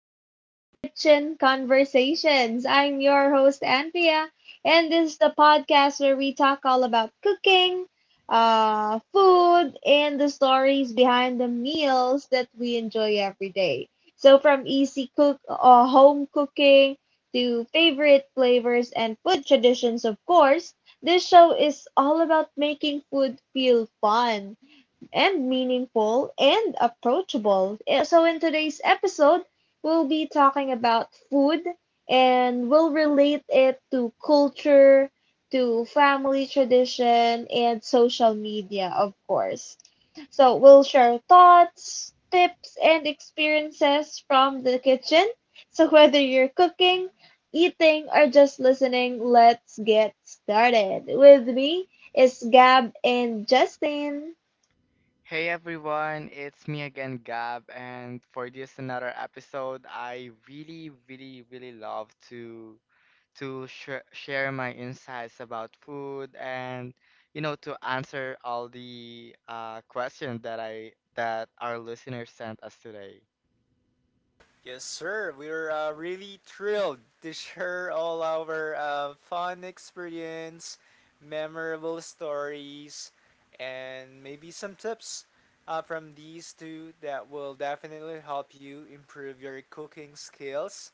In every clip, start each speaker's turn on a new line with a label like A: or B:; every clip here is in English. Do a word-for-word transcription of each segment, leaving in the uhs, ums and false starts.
A: welcome to Kitchen Conversations. I'm your host, Anthea, and this is the podcast where we talk all about cooking, uh, food, and the stories behind the meals that we enjoy every day. So, from easy cook, uh, home cooking to favorite flavors and food traditions, of course, this show is all about making food feel fun and meaningful and approachable. Eh, So, in today's episode, we'll be talking about food and we'll relate it to culture, to family tradition, and social media, of course. So, we'll share thoughts, tips, and experiences from the kitchen. So, whether you're cooking, eating, or just listening, let's get started. With me is Gab and Justin.
B: Hey everyone, it's me again, Gab, and for this another episode, I really, really, really love to to sh- share my insights about food and you know to answer all the uh, questions that I that our listeners sent us today.
C: Yes, sir. We're uh, really thrilled to share all our uh, fun experience, memorable stories, and maybe some tips uh, from these two that will definitely help you improve your cooking skills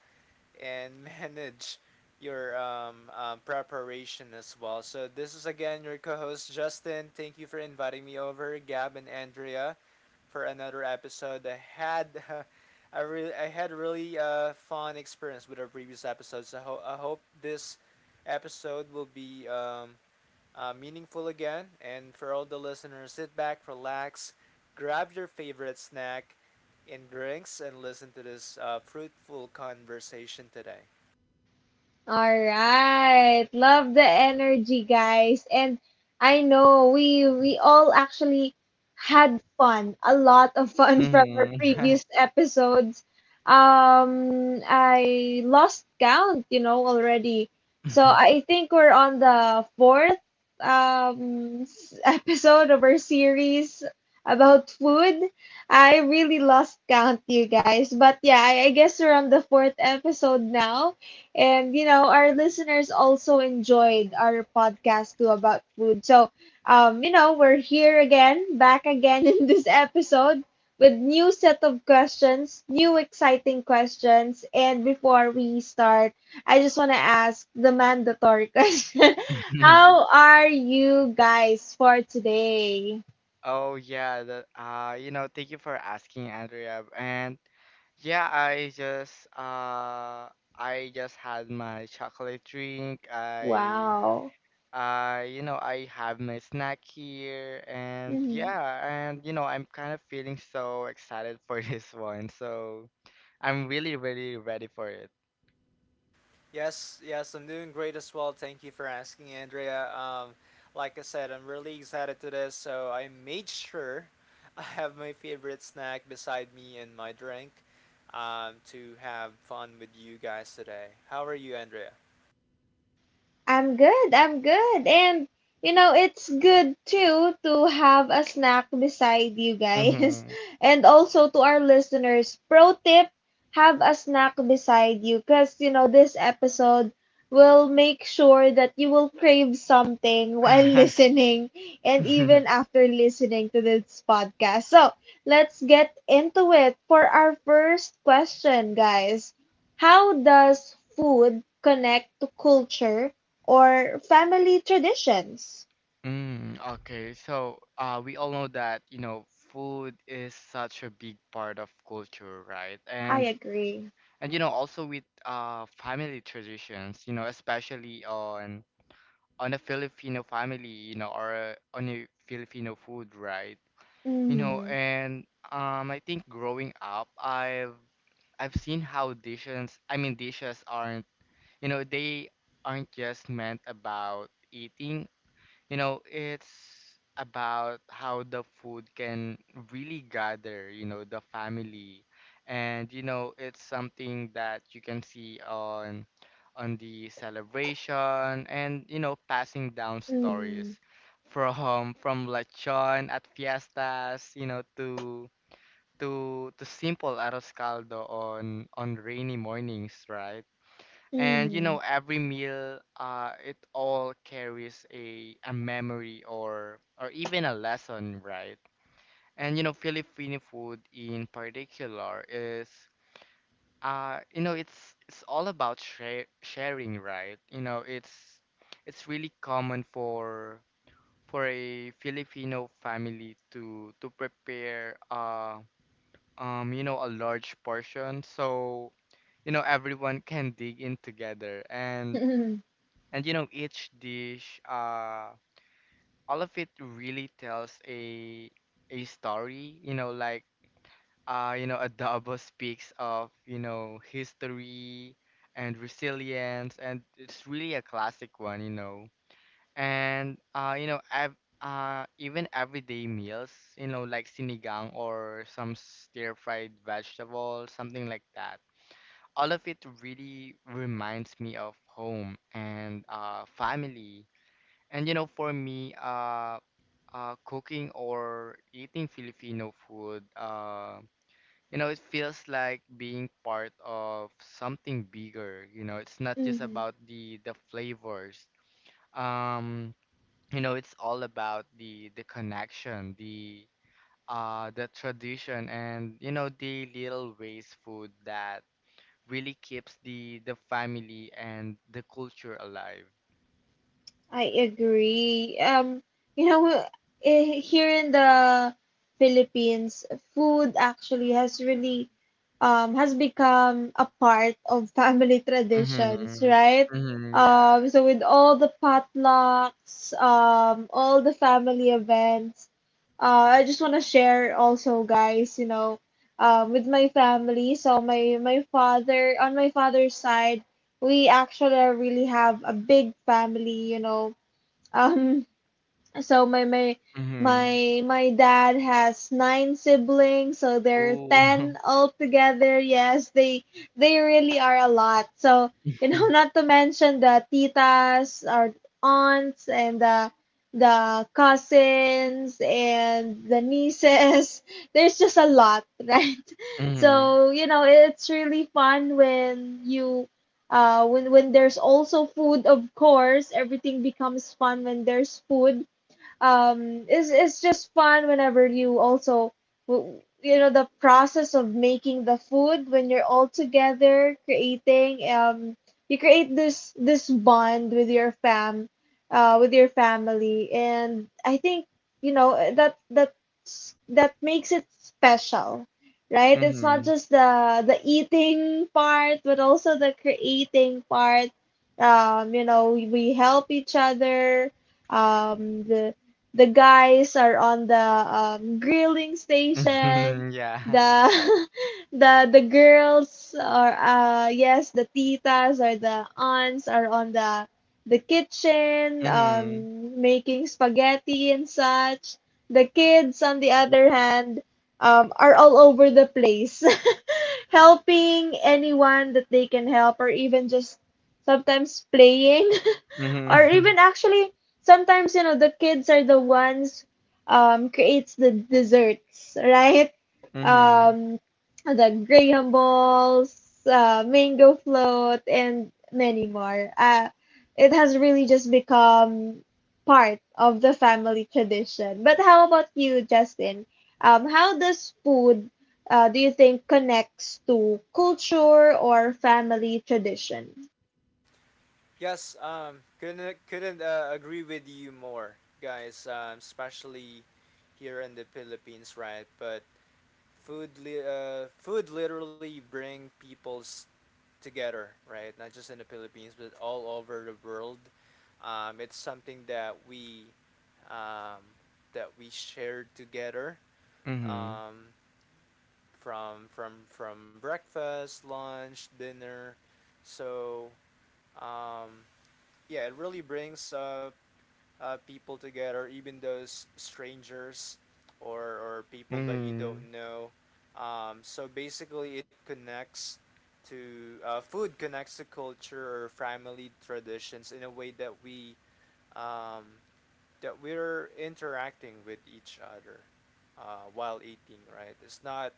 C: and manage your um, um, preparation as well. So, this is again your co host, Justin. Thank you for inviting me over, Gab and Andrea for another episode. I had uh, I really I had really uh, fun experience with our previous episodes. I, ho- I hope this episode will be um, uh, meaningful again. And for all the listeners, sit back, relax, grab your favorite snack and drinks, and listen to this uh, fruitful conversation today.
A: All right. Love the energy, guys. And I know we we all actually had fun, a lot of fun from our
B: Mm-hmm.
A: previous episodes. Um, I lost count, you know, already. So I think we're on the fourth um s- episode of our series about food. I really lost count, you guys. But yeah, I, I guess we're on the fourth episode now. And, you know, our listeners also enjoyed our podcast too about food. So, um, you know, we're here again, back again in this episode with new set of questions, new exciting questions. And before we start, I just want to ask the mandatory question. How are you guys for today?
B: Oh yeah, that uh you know, thank you for asking, Andrea. And yeah, I just uh I just had my chocolate drink. I
A: Wow.
B: uh you know, I have my snack here and
A: Mm-hmm.
B: yeah, and you know, I'm kind of feeling so excited for this one. So I'm really, really ready for it.
C: Yes, yes, I'm doing great as well. Thank you for asking, Andrea. Um, like I said, I'm really excited to this, so I made sure I have my favorite snack beside me and my drink um, to have fun with you guys today. How are you, Andrea?
A: I'm good, I'm good. And you know, it's good too to have a snack beside you guys.
B: Mm-hmm.
A: And also to our listeners, pro tip, have a snack beside you cuz you know, this episode will make sure that you will crave something while listening and even after listening to this podcast. So, let's get into it for our first question, guys. How does food connect to culture or family traditions?
B: Mm, okay, so uh, we all know that you know food is such a big part of culture, right?
A: I
B: And
A: agree.
B: and you know also with uh family traditions, you know, especially on on a Filipino family, you know, or uh, on a Filipino food, right? You know,
A: Mm-hmm.
B: and um I think growing up, I've I've seen how dishes, I mean dishes aren't, you know, they aren't just meant about eating, you know, it's about how the food can really gather, you know, the family. And you know, it's something that you can see on on the celebration and you know, passing down stories
A: Mm-hmm.
B: from from lechon at fiestas, you know, to to to simple arroz caldo on on rainy mornings, right? And you
A: Mm-hmm.
B: know, every meal, uh, it all carries a a memory or or even a lesson, right? And you know, Filipino food in particular is, uh, you know, it's it's all about share, sharing, right? You know, it's it's really common for for a Filipino family to to prepare, uh, um, you know, a large portion, so you know everyone can dig in together and and you know, each dish, uh, all of it really tells a a story, you know, like uh, you know, adobo speaks of, you know, history and resilience and it's really a classic one, you know. And uh, you know, ev uh even everyday meals, you know, like sinigang or some stir-fried vegetable, something like that. All of it really reminds me of home and uh family and you know, for me, uh, uh, cooking or eating Filipino food, uh, you know, it feels like being part of something bigger. You know, it's not just
A: Mm-hmm.
B: about the the flavors. Um, you know, it's all about the the connection, the uh, the tradition, and you know, the little ways food that really keeps the the family and the culture alive.
A: I agree. Um, you know, eh, here in the Philippines, food actually has really um has become a part of family traditions,
B: Mm-hmm.
A: right?
B: Mm-hmm. Yeah.
A: Um, so with all the potlucks, um, all the family events, uh, I just want to share also, guys, you know, um, with my family. So my my father on my father's side, we actually really have a big family. You know um so my my
B: Mm-hmm.
A: my my dad has nine siblings, so there are
B: Ooh.
A: ten altogether. Yes, they they really are a lot. So you know, not to mention the titas, our aunts, and the the cousins and the nieces. There's just a lot, right?
B: Mhm.
A: So you know, it's really fun when you. Uh, when when there's also food, of course, everything becomes fun when there's food um it's it's just fun whenever you also w- you know the process of making the food when you're all together creating um You create this this bond with your fam uh with your family, and I think, you know eh, that that that makes it special, right.
B: Mhm.
A: It's not
B: Mhm.
A: just the the eating part but also the creating part. Um you know we, we help each other. Um the the guys are on the um, grilling station.
B: Yeah.
A: The the the girls are uh yes the titas or the aunts are on the the kitchen,
B: Mhm.
A: um making spaghetti and such. The kids on the other hand, um are all over the place, helping anyone that they can help or even just sometimes playing. Or
B: Mhm.
A: even actually sometimes you know the kids are the ones um creates the desserts, right.
B: Mhm.
A: um the graham balls, uh, mango float, and many more. Uh it has really just become part of the family tradition. But how about you, Justin, um how does food, uh, do you think, connects to culture or family tradition?
C: Yes, um, couldn't uh, couldn't uh, agree with you more, guys. Um, especially here in the Philippines, right? But food, li- uh, food literally bring people's together, right? Not just in the Philippines, but all over the world. Um, it's something that we um, that we shared together
B: Mhm.
C: um, from from from breakfast, lunch, dinner. So um, yeah, it really brings uh, uh, people together, even those strangers or, or people that you
B: Mhm.
C: don't know. Um, so basically, it connects to uh, food connects to culture or family traditions in a way that we um, that we're interacting with each other uh, while eating. Right? It's not.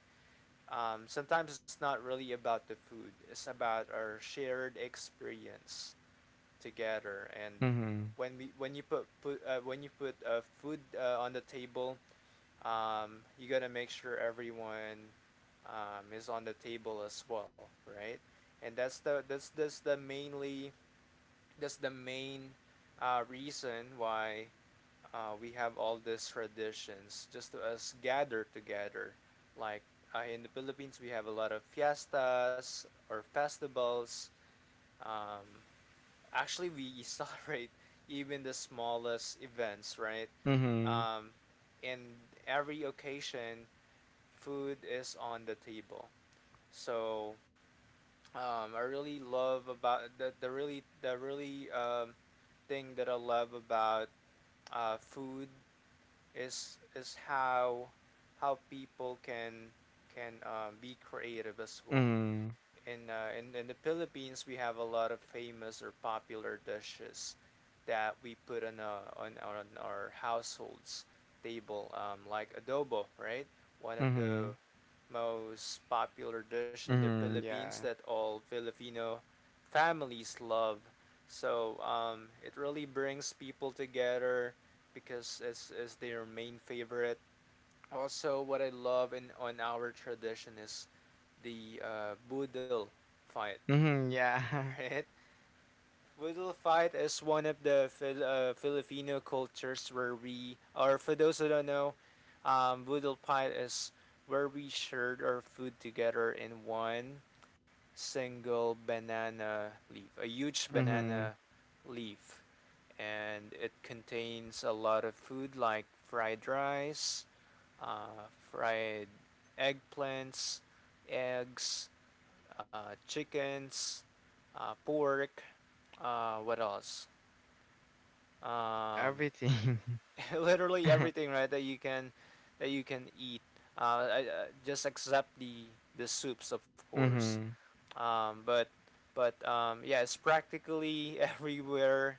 C: Um, sometimes it's not really about the food. It's about our shared experience together and
B: Mhm.
C: when we when you put put uh, when you put uh, food uh, on the table, um, you gotta make sure everyone um, is on the table as well, right? And that's the that's that's the mainly that's the main uh, reason why uh, we have all these traditions just to us gather together, like, uh, in the Philippines we have a lot of fiestas or festivals. um, Actually, we celebrate even the smallest events, right?
B: Mhm.
C: Um, in every occasion, food is on the table. So um, I really love about the, the really the really um, thing that I love about uh, food is is how how people can can um, be creative as well
B: Mhm.
C: in, uh, in in the Philippines we have a lot of famous or popular dishes that we put on uh, on, our- on our households table, um, like adobo, right? One of the
B: Mhm.
C: most popular dish in the
B: Mhm.
C: Philippines
B: Yeah.
C: that all Filipino families love. So um, it really brings people together because it's, it's their main favorite. Also what I love in on our tradition is the uh, boodle fight.
B: Mhm. Yeah.
C: Right? Boodle fight is one of the Fil- uh, Filipino cultures where we, or for those who don't know, um, boodle fight is where we shared our food together in one single banana leaf, a huge
B: Mhm.
C: banana leaf. And it contains a lot of food like fried rice, uh, fried eggplants, eggs, uh, chickens, uh, pork, uh, what else? Um,
B: Everything.
C: literally everything, right? That you can, that you can eat. Uh, I, uh, just except the the soups, of course.
B: Mhm.
C: Um, but but um, yeah, it's practically everywhere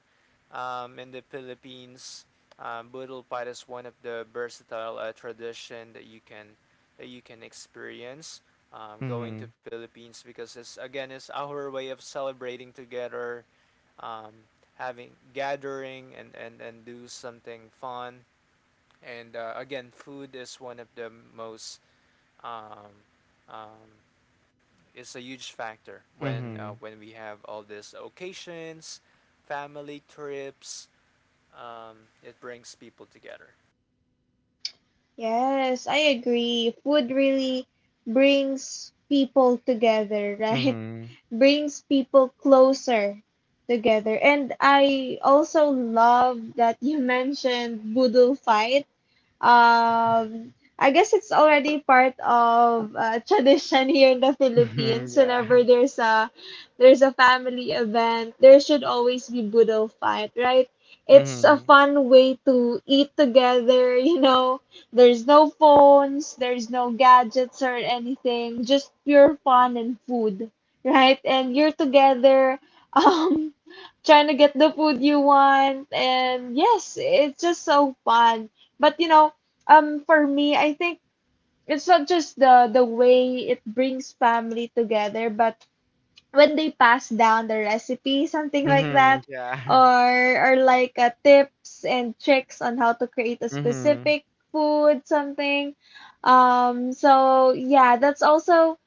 C: um, in the Philippines. Um, boodle pie is one of the versatile uh, tradition that you can that you can experience um, going to
B: Mhm.
C: Philippines because it's again it's our way of celebrating together, um, having gathering and, and, and do something fun. And uh, again, food is one of the most um, um, it's a huge factor when uh,
B: Mhm.
C: when we have all these occasions, family trips. Um, it brings people together.
A: Yes, I agree. Food really brings people together, right?
B: Mhm.
A: Brings people closer together. And I also love that you mentioned Boodle Fight. Um, I guess it's already part of uh, tradition here in the
B: Mhm.
A: Philippines.
B: Yeah.
A: Whenever there's a there's a family event, there should always be budol fight, right? It's a
B: Mhm.
A: fun way to eat together, you know. There's no phones, there's no gadgets or anything, just pure fun and food, right? And you're together, um, trying to get the food you want, and yes, it's just so fun. But you know, um, for me, I think it's not just the the way it brings family together, but when they pass down the recipe, something like
B: Mhm.
A: that,
B: Yeah.
A: or or like uh, tips and tricks on how to create a
B: Mhm.
A: specific food, something. Um, so yeah, that's also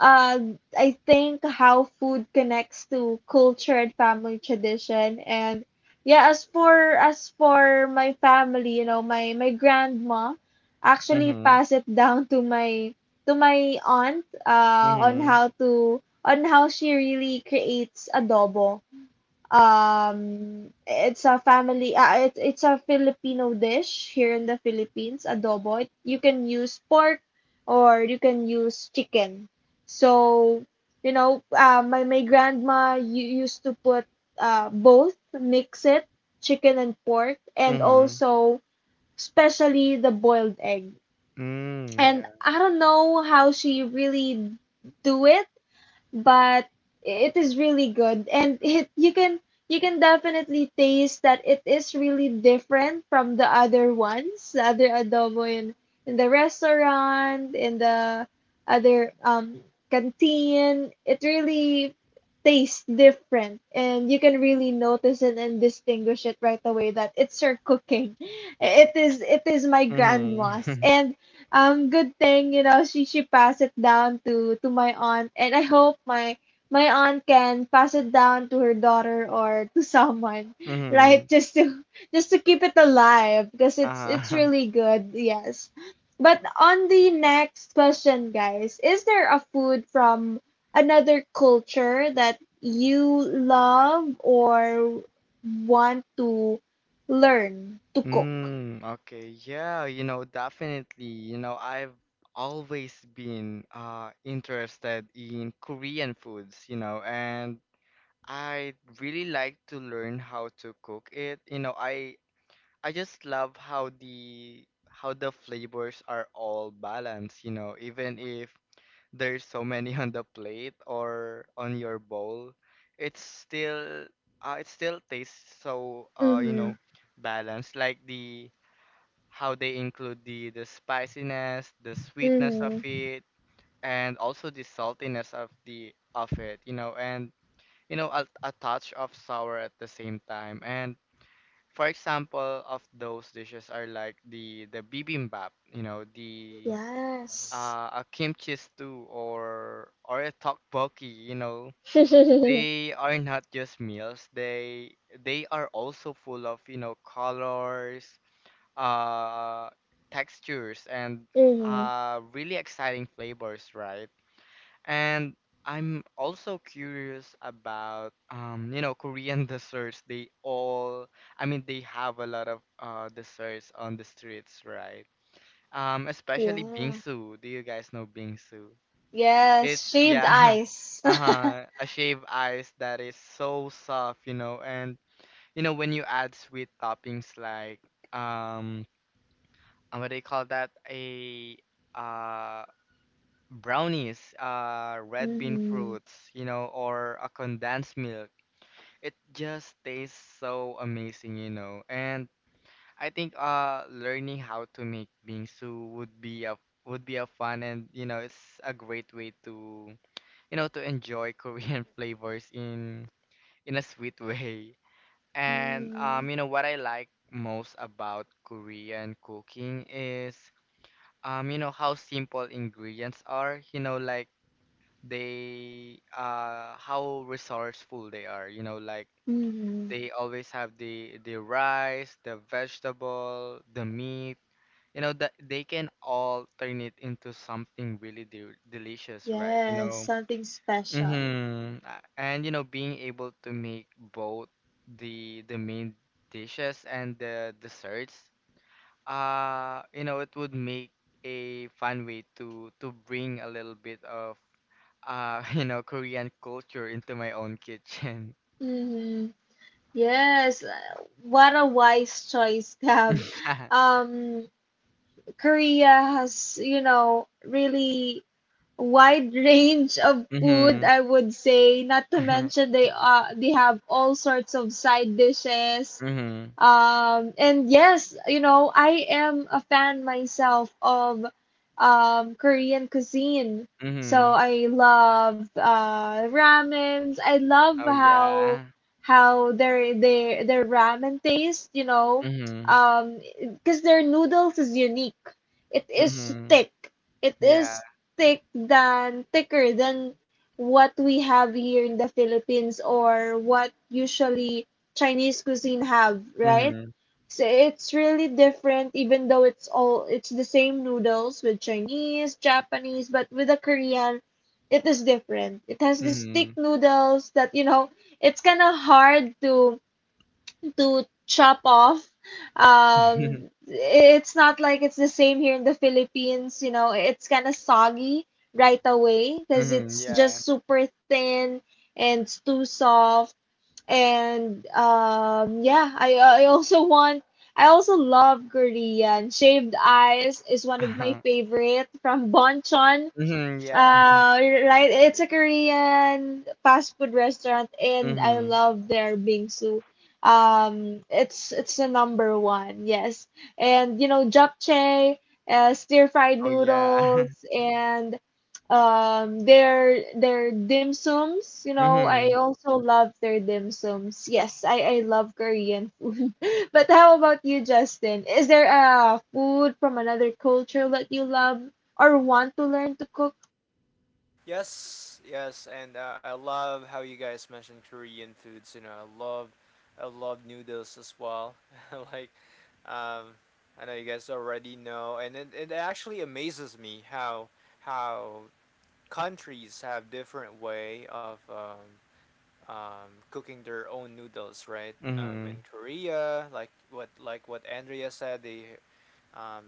A: uh, I think how food connects to culture and family tradition. And yeah, as for as for my family, you know, my my grandma actually
B: Mhm.
A: passed it down to my to my aunt, uh, on
B: Mhm.
A: how to on how she really creates adobo. Um, it's a family, uh, it, it's a Filipino dish here in the Philippines, adobo. It, you can use pork or you can use chicken. So, you know, uh, my, my grandma you, used to put uh, both, mix it, chicken and pork, and
B: Mhm.
A: also especially the boiled egg.
B: Mm.
A: And
B: Yeah.
A: I don't know how she really do it, but it is really good, and it you can you can definitely taste that it is really different from the other ones, the other adobo in in the restaurant, in the other um canteen. It really tastes different, and you can really notice it and distinguish it right away that it's her cooking. It is it is my grandma's,
B: Mhm.
A: and um, good thing, you know, she she passed it down to to my aunt, and I hope my my aunt can pass it down to her daughter or to someone, right?
B: Mhm.
A: Just to just to keep it alive because it's it's
B: Uh-huh.
A: really good. Yes. But on the next question, guys, is there a food from another culture that you love or want to learn to cook?
B: Mm, okay. Yeah, you know, definitely. You know, I've always been uh interested in Korean foods, you know, and I really like to learn how to cook it. You know, I I just love how the how the flavors are all balanced, you know, even if there's so many on the plate or on your bowl, it's still uh, it still tastes so uh, you know,
A: Mm-hmm.
B: balanced. Like the how they include the the spiciness, the sweetness of
A: Mm-hmm.
B: it, and also the saltiness of the of it. You know, and you know a, a touch of sour at the same time. And for example, of those dishes are like the the bibimbap. You know the
A: Yes.
B: uh, a kimchi stew or or a tteokbokki, you know,
A: Mm-hmm.
B: they are not just meals. They they are also full of, you know, colors, uh, textures, and uh, really exciting flavors, right? And I'm also curious about, um, you know, Korean desserts. They all, I mean, they have a lot of uh, desserts on the streets, right? Um, especially
A: Yeah.
B: bingsu. Do you guys know bingsu?
A: Yes,
B: It's
A: shaved
B: yeah,
A: ice.
B: uh-huh, a shaved ice that is so soft, you know, and you know when you add sweet toppings like um uh, what do you call that? A uh brownies, uh red bean
A: Mm-hmm.
B: fruits, you know, or a condensed milk. It just tastes so amazing, you know. And I think uh learning how to make bingsu would be a would be a fun and you know, it's a great way to you know, to enjoy Korean flavors in in a sweet way. And
A: Mm-hmm.
B: um, you know, what I like most about Korean cooking is um, you know, how simple ingredients are, you know, like they uh how resourceful they are, you know, like
A: Mm-hmm.
B: they always have the the rice, the vegetable, the meat, you know, that they can all turn it into something really de delicious, right? You
A: Yes,
B: know,
A: something special.
B: mm-hmm. And you know, being able to make both the the main dishes and the desserts, uh, you know, it would make a fun way to to bring a little bit of uh, you know, Korean culture into my own kitchen.
A: Mm-hmm. Yes, uh, what a wise choice, Gab. Um, Korea has, you know, really wide range of food,
B: Mm-hmm.
A: I would say, not to mention they uh they have all sorts of side dishes.
B: Mm-hmm.
A: Um, and yes, you know, I am a fan myself of um, Korean cuisine. So
B: Mm-hmm.
A: I love uh, ramens. I love
B: Oh
A: how
B: yeah.
A: how their their their ramen taste, you know,
B: Mm-hmm.
A: um, because their noodles is unique. It is
B: Mm-hmm.
A: thick. It
B: Yeah.
A: is thick than thicker than what we have here in the Philippines or what usually Chinese cuisine have, right?
B: Mm-hmm.
A: So it's really different, even though it's all it's the same noodles with Chinese, Japanese, but with the Korean, it is different. It has the
B: Mm-hmm.
A: stick noodles that you know it's kind of hard to to chop off. Um, it's not like it's the same here in the Philippines. You know, it's kind of soggy right away because
B: Mm-hmm.
A: it's
B: Yeah.
A: just super thin and it's too soft, and um, yeah, I I also want I also love Korean. Shaved Eyes is one of my
B: Uh-huh.
A: favorite from Bonchon.
B: Mm-hmm. Yeah.
A: Uh, right. It's a Korean fast food restaurant, and I
B: Mhm.
A: love their bingsu. Um, it's it's the number one, yes. And you know, japchae, uh, stir fried
B: Oh, yeah.
A: noodles, and um, their their dim sums. You know, I
B: Mhm.
A: also love their dim sums. Yes, I I love Korean food. But how about you, Justin? Is there a food from another culture that you love or want to learn to cook?
C: Yes, yes, and uh, I love how you guys mentioned Korean foods. You know, I love I love noodles as well. like Um, I know you guys already know, and it, it actually amazes me how how countries have different way of um, um, cooking their own noodles, right? Um, in
B: Mhm.
C: Korea, like what like what Andrea said, they um,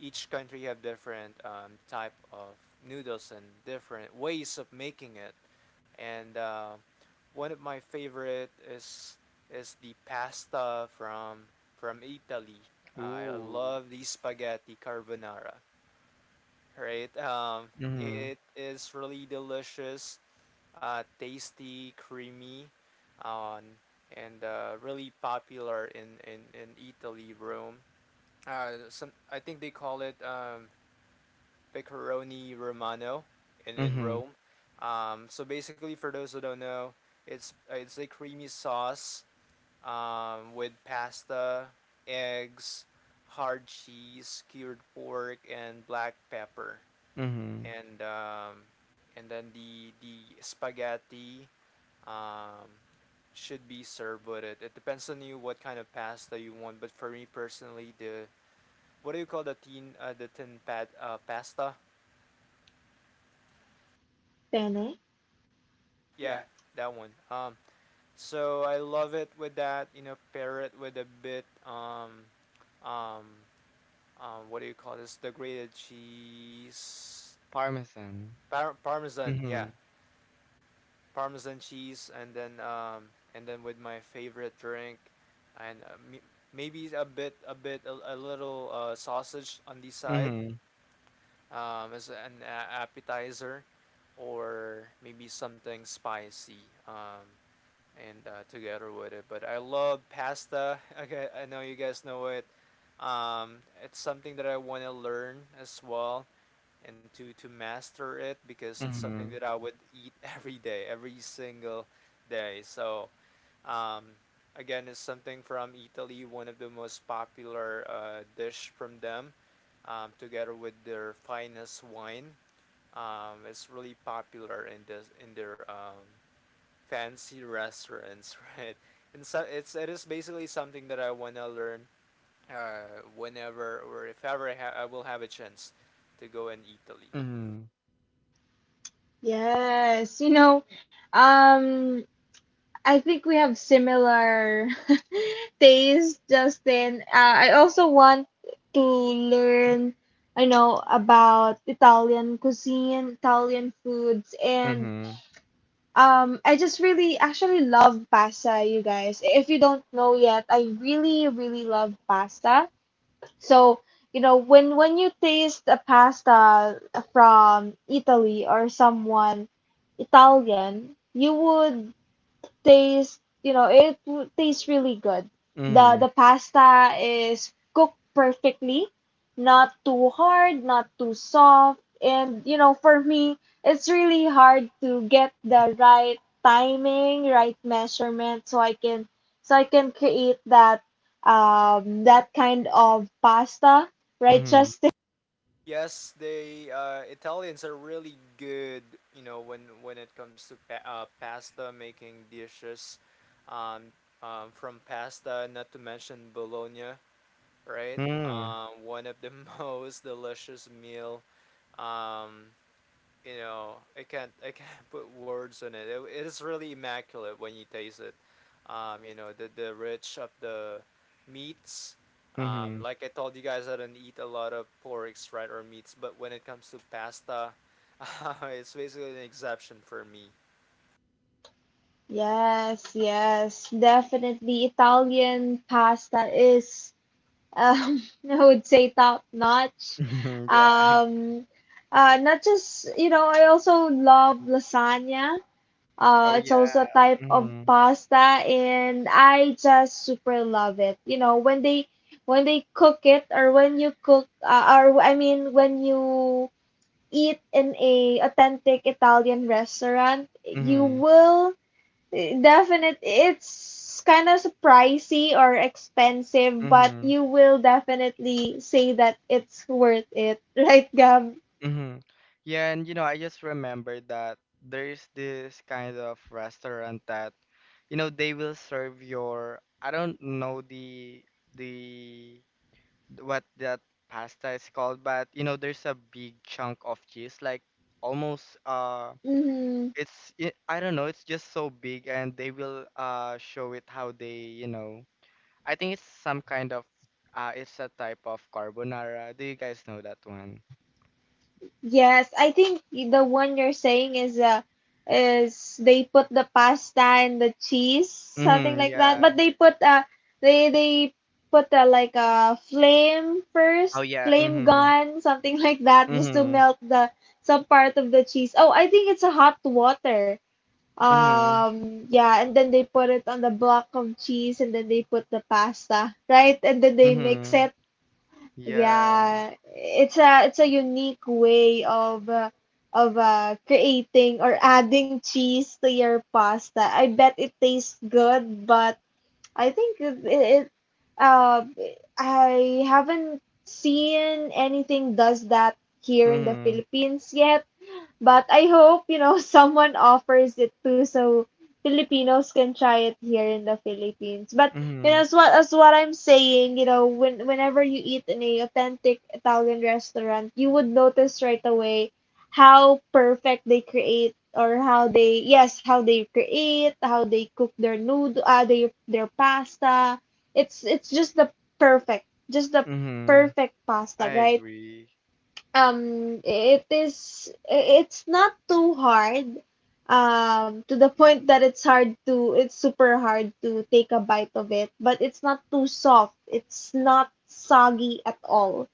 C: each country have different um, type of noodles and different ways of making it, and uh, one of my favorite is is the pasta from from Italy. Uh, I
B: Ooh.
C: love the spaghetti carbonara, right? Um,
B: Mhm.
C: it is really delicious, uh, tasty, creamy, um, and uh, really popular in, in, in Italy, Rome. Uh, some, I think they call it um, pepperoni romano in, in
B: Mhm.
C: Rome. Um, so basically, for those who don't know, it's uh, it's a creamy sauce um, with pasta, eggs, hard cheese, cured pork, and black pepper,
B: Mhm.
C: and um, and then the the spaghetti um, should be served with it. It depends on you what kind of pasta you want, but for me personally, the what do you call the tin uh, the tin pad uh, pasta?
A: Bene.
C: Yeah, that one. Um, So I love it with that, you know, pair it with a bit um um um what do you call this? The grated cheese,
B: Parmesan.
C: par- parmesan, yeah.
B: Mhm.
C: Parmesan cheese, and then um and then with my favorite drink, and uh, maybe a bit a bit a, a little uh, sausage on the side
B: Mhm.
C: um as an appetizer, or maybe something spicy. Um and uh, together with it. But I love pasta. Okay, I know you guys know it. Um, it's something that I want to learn as well, and to to master it because it's something
B: Mhm.
C: that I would eat every day, every single day. So um, again, it's something from Italy, one of the most popular uh, dish from them, um, together with their finest wine. Um, it's really popular in this in their um, fancy restaurants, right? And so it's it is basically something that I wanna learn uh, whenever or if ever I, ha- I will have a chance to go in Italy.
B: Mhm.
A: Yes. You know, um, I think we have similar taste, Justin. Uh, I also want to learn, I know, about Italian cuisine, Italian foods, and
B: Mhm.
A: um, I just really actually love pasta, you guys. If you don't know yet, I really, really love pasta. So, you know, when when you taste a pasta from Italy or someone Italian, you would tastes, you know, it w- tastes really good. The
B: Mhm.
A: the pasta is cooked perfectly, not too hard, not too soft, and you know, for me, it's really hard to get the right timing, right measurement so I can so I can create that um that kind of pasta, right,
B: Mhm.
A: Justin?
C: Yes, they uh, Italians are really good, you know, when when it comes to pa- uh, pasta making dishes, um, um, from pasta, not to mention Bologna, right?
B: Mhm.
C: Um, one of the most delicious meal. Um, you know, i can't i can't put words on it. it it is really immaculate when you taste it. Um you know, the the rich of the meats.
B: Mhm.
C: Um
B: Mhm.
C: like I told you guys, I don't eat a lot of porks, right, or meats, but when it comes to pasta it's basically an exception for me.
A: Yes, yes, definitely. Italian pasta is um, I would say top notch.
B: Yeah.
A: Um, uh, not just, you know, I also love lasagna. Uh,
B: Oh
A: it's also
B: yeah.
A: a type of
B: Mhm.
A: pasta, and I just super love it. You know, when they when they cook it, or when you cook, uh, or I mean, when you eat in a authentic Italian restaurant, you
B: Mhm.
A: will definite, it's kind of pricey or expensive, but
B: Mhm.
A: you will definitely say that it's worth it, right, Gab?
B: Mhm. Yeah, and you know, I just remembered that there's this kind of restaurant that, you know, they will serve your, I don't know the the what that pasta is called, but you know, there's a big chunk of cheese, like almost uh
A: Hmm.
B: it's it, I don't know, it's just so big and they will uh show it how they, you know. I think it's some kind of uh it's a type of carbonara. Do you guys know that one?
A: Yes, I think the one you're saying is uh, is they put the pasta and the cheese, something
B: Mm-hmm,
A: like that.
B: yeah.
A: But they put uh they they put uh, like a flame first,
B: Oh yeah,
A: flame
B: mm-hmm.
A: gun, something like that, just to
B: Mm-hmm.
A: melt the some part of the cheese. Oh, I think it's a hot water.
B: Mm-hmm.
A: Um, yeah, and then they put it on the block of cheese and then they put the pasta, right? And then they mix
B: Mm-hmm.
A: it.
B: Yeah.
A: Yeah, it's a it's a unique way of uh, of uh, creating or adding cheese to your pasta. I bet it tastes good, but I think it, it uh, I haven't seen anything does that here in the
B: Mm-hmm.
A: Philippines yet. But I hope, you know, someone offers it too so Filipinos can try it here in the Philippines. But you
B: Mm-hmm.
A: know, as what as what I'm saying, you know, when whenever you eat in a authentic Italian restaurant, you would notice right away how perfect they create or how they yes, how they create, how they cook their noodle, uh, their their pasta. It's it's just the perfect, just the
B: Mm-hmm.
A: perfect
B: I
A: pasta, right?
B: agree.
A: Um, it is, it's not too hard, um, to the point that it's hard to, it's super hard to take a bite of it, but it's not too soft. It's not soggy at all,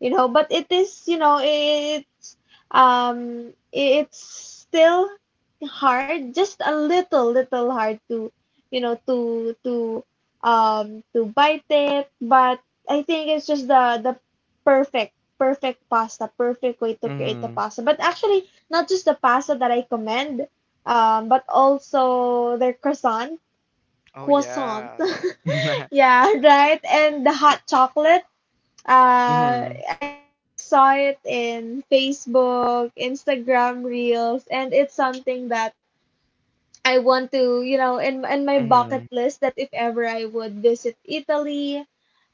A: you know, but it is, you know, it's, um, it's still hard, just a little, little hard to, you know, to, to, um, to bite it, but I think it's just the, the, perfect perfect pasta, perfect way to create the
B: Mm-hmm.
A: pasta. But actually, not just the pasta that I commend, um, but also their croissant,
B: Oh
A: croissant.
B: yeah.
A: Yeah, right. And the hot chocolate. Uh,
B: Mm-hmm.
A: I always saw it in Facebook, Instagram Reels, and it's something that I want to, you know, in in my bucket
B: Mhm,
A: list that if ever I would visit Italy,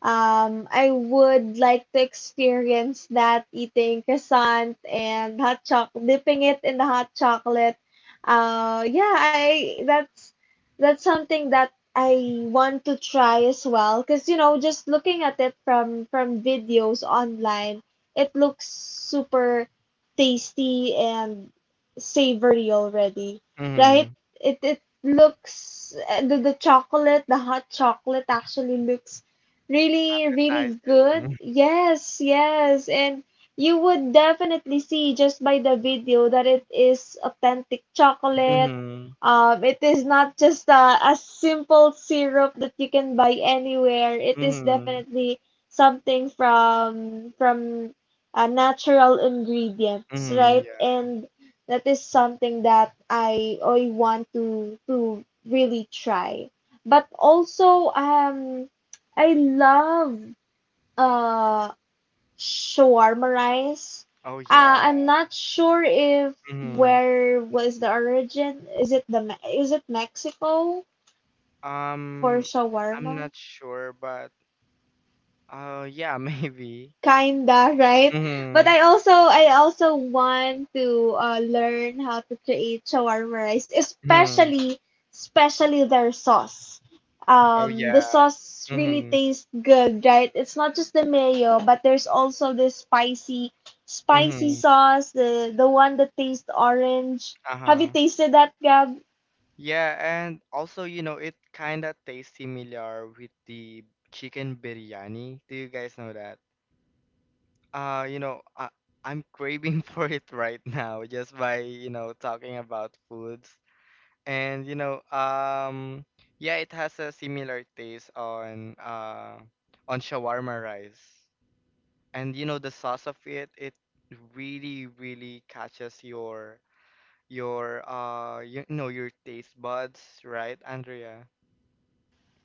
A: um, I would like to experience that eating croissant and hot choc dipping it in the hot chocolate. Uh, yeah, I that's that's something that I want to try as well. Cause you know, just looking at it from from videos online, it looks super tasty and savory already, right?
B: mhm.
A: It it looks uh, the the chocolate, the hot chocolate actually looks really really
B: Appetizing.
A: good. Yes, yes, and you would definitely see just by the video that it is authentic chocolate.
B: Mhm,
A: Um, it is not just a, a simple syrup that you can buy anywhere. It is
B: mhm,
A: definitely something from from uh, natural ingredients,
B: mhm.
A: right?
B: Yeah.
A: And that is something that I I want to to really try. But also um I love uh shawarma rice.
B: Oh,
A: Uh,
B: yeah.
A: I'm not sure if
B: Mhm.
A: where was the origin. Is it the Me- is it Mexico for
B: Um, I'm
A: shawarma?
B: not sure, but uh, yeah, maybe.
A: Kinda right, but
B: Mhm,
A: i also i also want to uh, learn how to create shawarma rice,
B: mhm.
A: especially especially their sauce.
B: Oh,
A: Um, the
B: yeah.
A: sauce really
B: Mhm,
A: tastes good, right? It's not just the mayo, but there's also this spicy spicy
B: mhm.
A: sauce, the the one that tastes orange. Have you
B: Uh-huh.
A: tasted that, Gab?
B: Yeah, and also, you know, it kind of tastes similar with the chicken biryani. Do you guys know that? Uh, you know, I, I'm craving for it right now just by, you know, talking about foods. And, you know, um, yeah, it has a similar taste on uh on shawarma rice. And you know, the sauce of it, it really, really catches your your uh you know your taste buds, right, Andrea?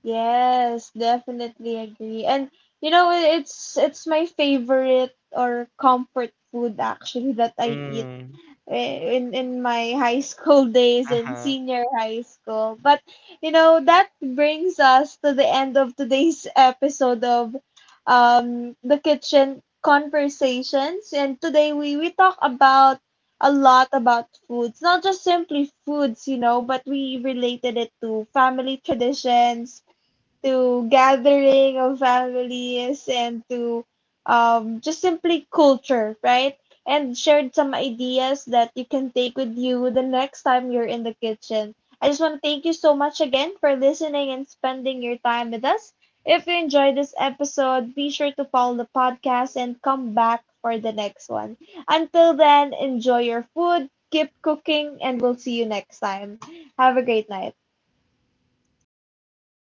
A: Yes, definitely agree. And you know, it- it's it's my favorite or comfort food actually that I eat
B: Mm,
A: eh, in in my high school days and
B: uh-huh.
A: senior high school. But you know, that brings us to the end of today's episode of um the kitchen conversations. And today we we talk about a lot about foods, not just simply foods, you know, but we related it to family traditions, to gathering of families, and to um, just simply culture, right? And shared some ideas that you can take with you the next time you're in the kitchen. I just want to thank you so much again for listening and spending your time with us. If you enjoyed this episode, be sure to follow the podcast and come back for the next one. Until then, enjoy your food, keep cooking, and we'll see you next time. Have a great night.